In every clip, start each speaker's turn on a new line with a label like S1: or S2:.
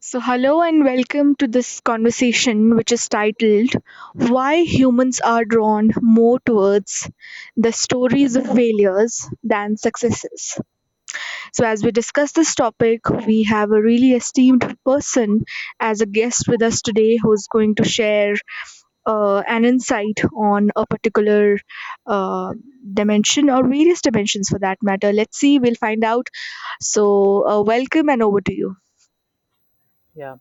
S1: So, hello and welcome to this conversation, which is titled Why Humans Are Drawn More Towards the Stories of Failures Than Successes. So, as we discuss this topic, we have a really esteemed person as a guest with us today who is going to share an insight on a particular uh, dimension or various dimensions for that matter. Let's see, we'll find out. So, welcome and over to you.
S2: Yeah.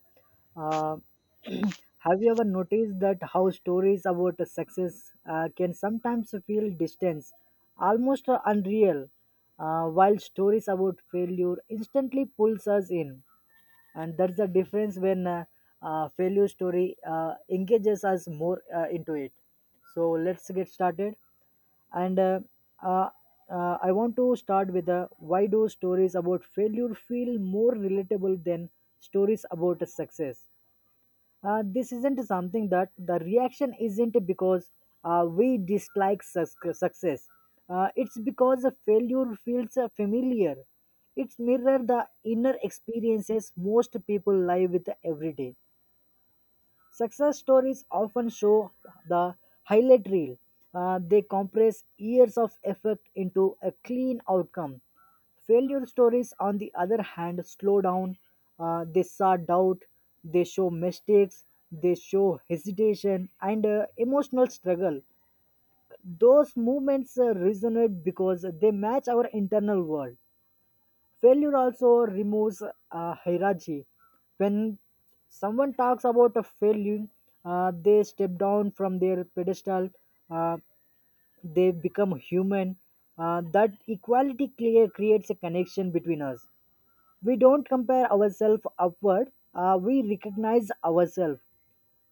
S2: Uh, have you ever noticed that how stories about success can sometimes feel distant, almost unreal, while stories about failure instantly pulls us in? And that's the difference when failure story engages us more into it. So let's get started. And uh, uh, uh, i want to start with why do stories about failure feel more relatable than stories about success. This isn't something that the reaction isn't because we dislike success. It's because the failure feels familiar. It's mirror the inner experiences most people live with every day. Success stories often show the highlight reel. They compress years of effort into a clean outcome. Failure stories, on the other hand, slow down. They saw doubt, they show mistakes, they show hesitation and emotional struggle. Those movements resonate because they match our internal world. Failure also removes hierarchy. When someone talks about a failure, they step down from their pedestal, uh, they become human. That equality clear creates a connection between us. We don't compare ourselves upward, we recognize ourselves.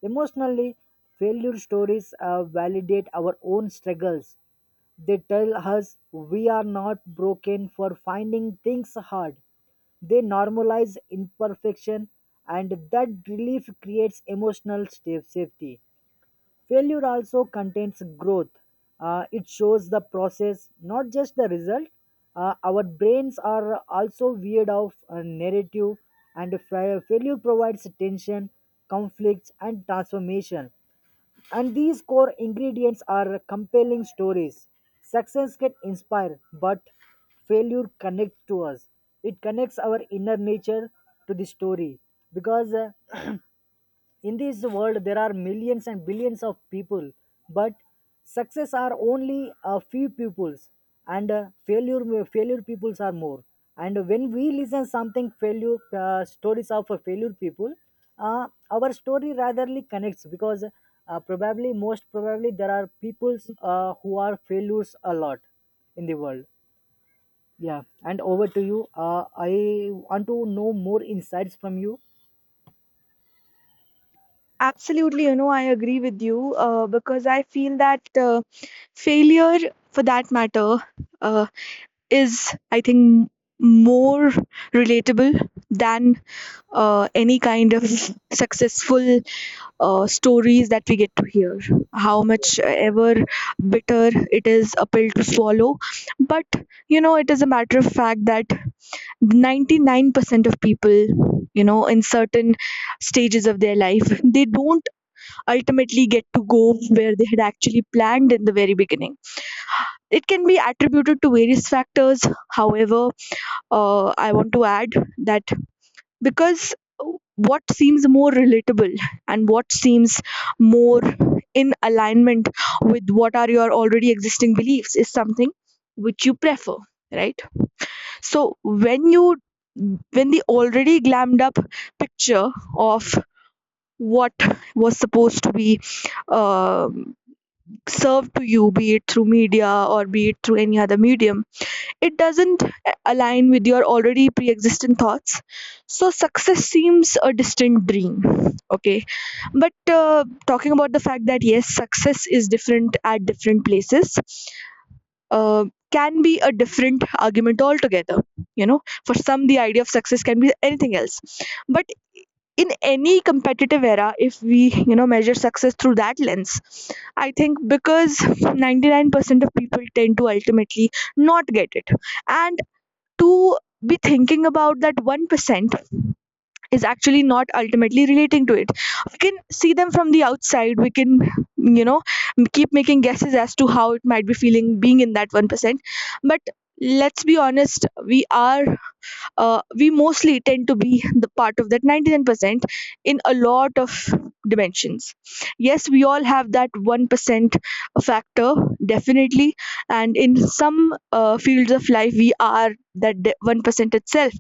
S2: Emotionally, failure stories validate our own struggles. They tell us we are not broken for finding things hard. They normalize imperfection, and that relief creates emotional safety. Failure also contains growth. It shows the process, not just the result. Our brains are also weird of a narrative, and failure provides tension, conflicts, and transformation. And these core ingredients are compelling stories. Success can inspire, but failure connects to us. It connects our inner nature to the story because in this world there are millions and billions of people, but success are only a few peoples, and failure peoples are more. And when we listen something failure, stories of a failure people, uh, our story ratherly connects because, probably most probably there are peoples who are failures a lot in the world. Yeah, and over to you. I want to know more insights from you.
S1: Absolutely, you know, I agree with you because I feel that failure, for that matter, uh, is, I think, more relatable than any kind of, mhm, successful stories that we get to hear. How much ever bitter it is a pill to swallow. But, you know, it is a matter of fact that 99% of people, you know, in certain stages of their life, they don't ultimately get to go where they had actually planned in the very beginning. It can be attributed to various factors. However, I want to add that because what seems more relatable and what seems more in alignment with what are your already existing beliefs is something which you prefer, right? So when the already glammed up picture of what was supposed to be um served to you, be it through media or be it through any other medium, it doesn't align with your already pre existent thoughts. So, success seems a distant dream. Okay. But talking about the fact that yes, success is different at different places. Uh, can be a different argument altogether. You know, for some the idea of success can be anything else, but in any competitive era, if we, you know, measure success through that lens, I think because 99% of people tend to ultimately not get it, and to be thinking about that 1% is actually not ultimately relating to it. We can see them from the outside, we can, you know, keep making guesses as to how it might be feeling being in that 1%. But let's be honest, we are, we mostly tend to be the part of that 99% in a lot of dimensions. Yes, we all have that 1% factor, definitely, and in some fields of life we are that 1% itself,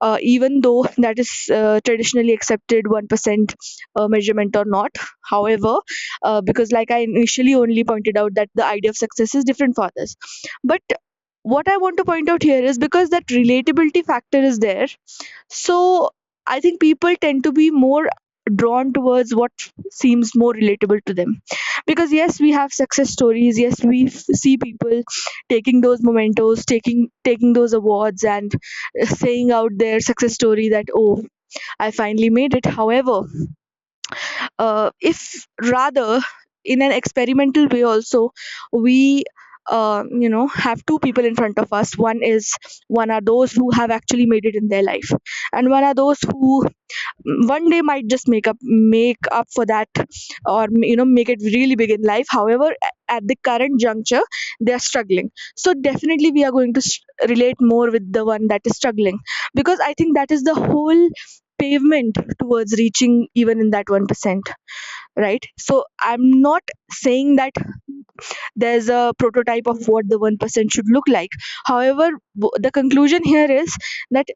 S1: even though that is traditionally accepted 1% measurement or not. However, because like I initially only pointed out that the idea of success is different for others, but what I want to point out here is because that relatability factor is there. So I think people tend to be more drawn towards what seems more relatable to them. Because yes, we have success stories. Yes, we see people taking those mementos, taking those awards, and saying out their success story that, oh, I finally made it. However, if rather in an experimental way also we, you know, have two people in front of us, one is, one are those who have actually made it in their life, and one are those who, mm, one day might just make up for that, or, you know, make it really big in life. However, at the current juncture they are struggling. So definitely we are going to s relate more with the one that is struggling, because I think that is the whole pavement towards reaching even in that 1%, right? So I'm not saying that there's a prototype of what the 1% should look like. However, the conclusion here is that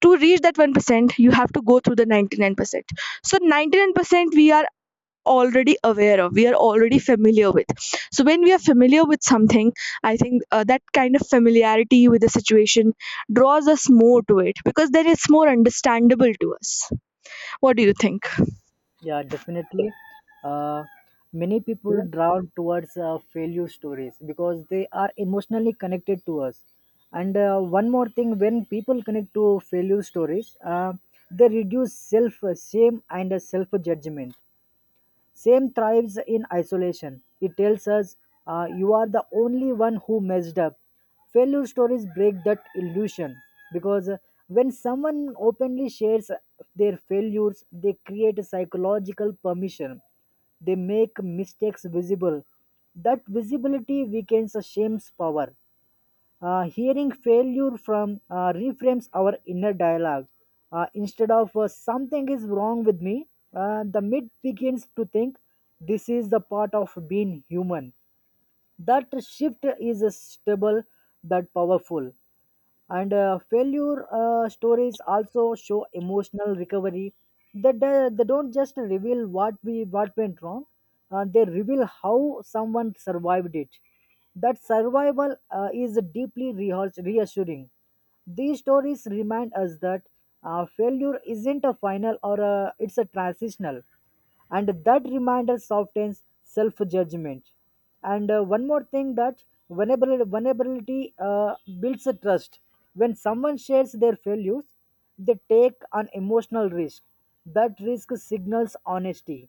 S1: to reach that 1% you have to go through the 99%. So 99% we are already aware of, we are already familiar with. So when we are familiar with something, I think that kind of familiarity with the situation draws us more to it, because then it's more understandable to us. What do you think?
S2: Yeah, definitely. Uh, Many people drawn towards failure stories because they are emotionally connected to us. And one more thing, when people connect to failure stories, they reduce self shame and self judgment. Same thrives in isolation. It tells us you are the only one who messed up. Failure stories break that illusion because when someone openly shares their failures, they create a psychological permission. They make mistakes visible. That visibility weakens shame's power. Hearing failure from reframes our inner dialogue. Instead of something is wrong with me, the myth begins to think this is the part of being human. That shift is stable, that powerful. And failure stories also show emotional recovery. That they don't just reveal what we what went wrong. They reveal how someone survived it. That survival is deeply reassuring. These stories remind us that failure isn't a final or a, it's a transitional. And that reminder softens self-judgment. And one more thing, that vulnerability builds a trust. When someone shares their failures, they take an emotional risk. That risk signals honesty.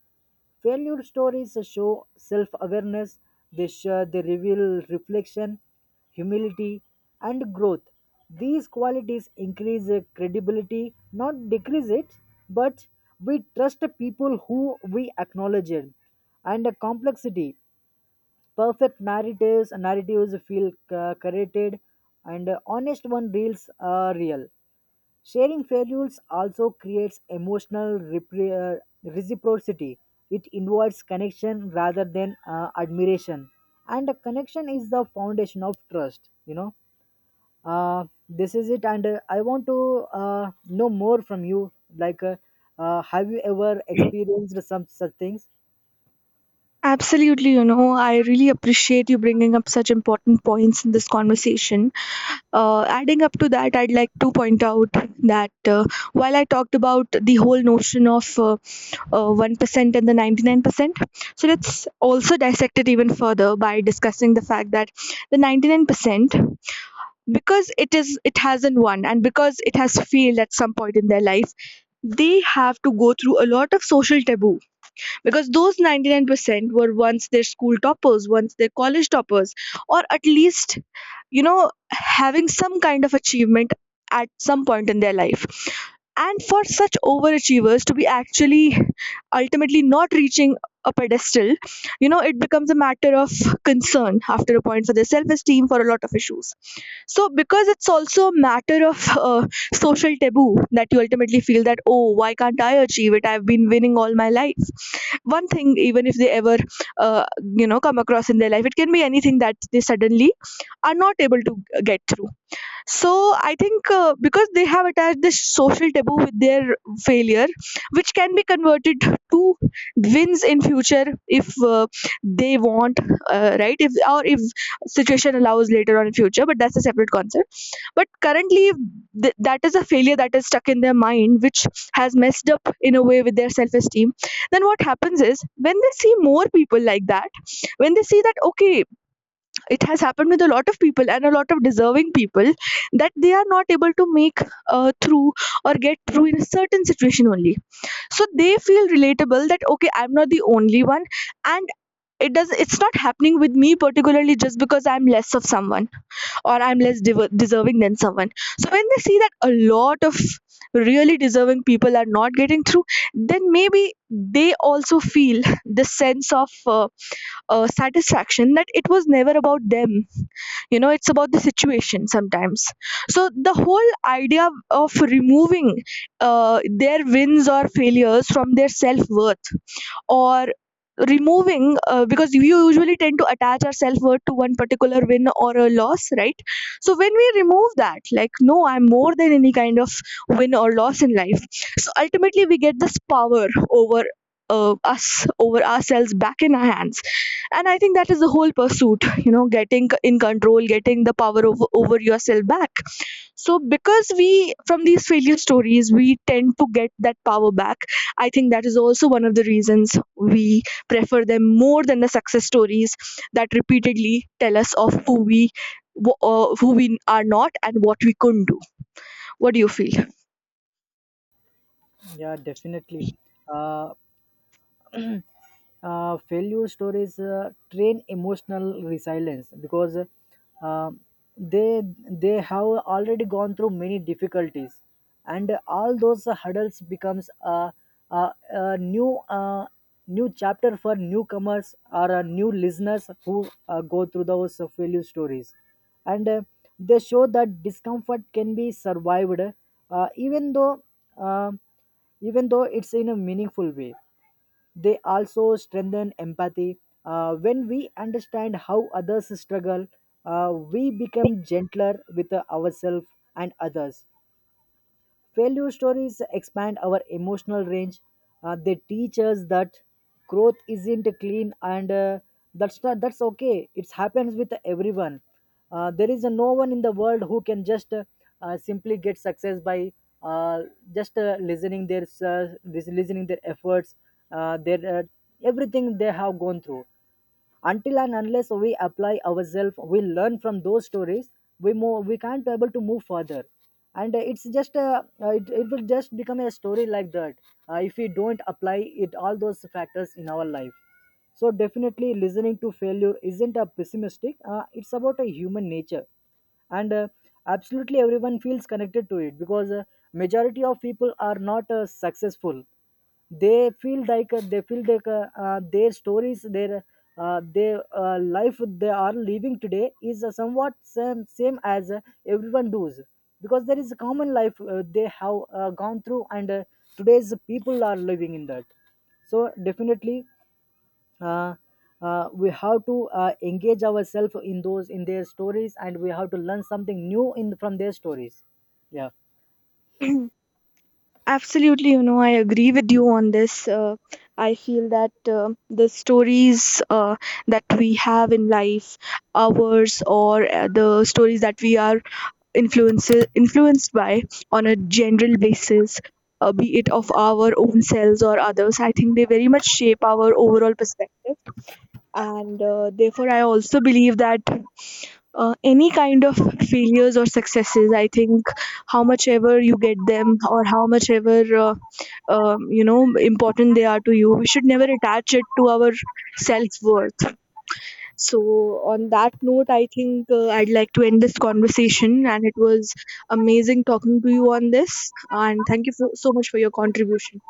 S2: Failure stories show self awareness, they reveal reflection, humility, and growth. These qualities increase credibility, not decrease it, but we trust people who we acknowledge it. And complexity, perfect narratives feel curated, and honest one reels are real. Sharing values also creates emotional reciprocity. It invites connection rather than admiration, and a connection is the foundation of trust. You know, this is it. And I want to know more from you. Have you ever experienced some such things?
S1: Absolutely, you know, I really appreciate you bringing up such important points in this conversation. Adding up to that, I'd like to point out that while I talked about the whole notion of 1% and the 99%, so let's also dissect it even further by discussing the fact that the 99%, because it hasn't won and because it has failed at some point in their life, they have to go through a lot of social taboo, because those 99% were once their school toppers, once their college toppers, or at least, you know, having some kind of achievement at some point in their life. And for such overachievers to be actually ultimately not reaching a pedestal, you know, it becomes a matter of concern after a point for their self esteem, for a lot of issues. So because it's also a matter of social taboo that you ultimately feel that, oh, why can't I achieve it, I've been winning all my life. One thing even if they ever uh, you know come across in their life, it can be anything that they suddenly are not able to get through. So I think because they have attached this social taboo with their failure, which can be converted to wins in future if they want, right? If, or if situation allows later on in future, but that's a separate concept. But currently, that is a failure that is stuck in their mind, which has messed up in a way with their self-esteem. Then what happens is when they see more people like that, when they see that, okay, it has happened with a lot of people and a lot of deserving people, that they are not able to make through or get through in a certain situation only. So they feel relatable that, okay, I'm not the only one. And it does, it's not happening with me particularly just because I'm less of someone or I'm less diver deserving than someone. So when they see that a lot of really deserving people are not getting through, then maybe they also feel the sense of satisfaction, that it was never about them, you know, it's about the situation sometimes. So the whole idea of removing their wins or failures from their self worth, or removing, because we usually tend to attach our self-worth to one particular win or a loss, right? So when we remove that, like, no, I'm more than any kind of win or loss in life, so ultimately we get this power over, us, over ourselves, back in our hands. And I think that is the whole pursuit, you know, getting in control, getting the power over yourself back. So because we, from these failure stories, we tend to get that power back, I think that is also one of the reasons we prefer them more than the success stories, that repeatedly tell us of who we, who we are not and what we couldn't do. What do you feel?
S2: Yeah, definitely. Uh, Failure stories train emotional resilience because, uh, they they have already gone through many difficulties, and all those hurdles becomes a new new chapter for newcomers or new listeners who go through those failure stories. And they show that discomfort can be survived, uh, even though uh, even though it's in a meaningful way. They also strengthen empathy. When we understand how others struggle, we become gentler with ourselves and others. Failure stories expand our emotional range. They teach us that growth isn't clean, and that's not that's okay. It happens with everyone. There is no one in the world who can just simply get success by uh, just listening their listening their efforts, their everything they have gone through. Until and unless we apply ourselves, we learn from those stories, we move, we can't be able to move further. And it's just it will just become a story like that if we don't apply it all those factors in our life. So definitely, listening to failure isn't a pessimistic, it's about a human nature. And absolutely everyone feels connected to it because, majority of people are not successful. They feel like their stories their life they are living today is somewhat same as everyone does, because there is a common life they have gone through, and today's people are living in that. So definitely, uh, we have to engage ourselves in those in their stories, and we have to learn something new in from their stories. Yeah.
S1: Absolutely, you know, I agree with you on this. I feel that the stories that we have in life, ours, or the stories that we are influences influenced by on a general basis, be it of our own selves or others, I think they very much shape our overall perspective. And therefore I also believe that any kind of failures or successes, I think, how much ever you get them or how much ever uh, you know, important they are to you, we should never attach it to our self worth. So, on that note, I think I'd like to end this conversation. And it was amazing talking to you on this. And thank you so, so much for your contribution.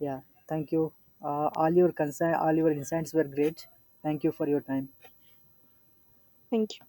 S2: Yeah, thank you. All your concern, all your insights were great. Thank you for your time.
S1: Thank you.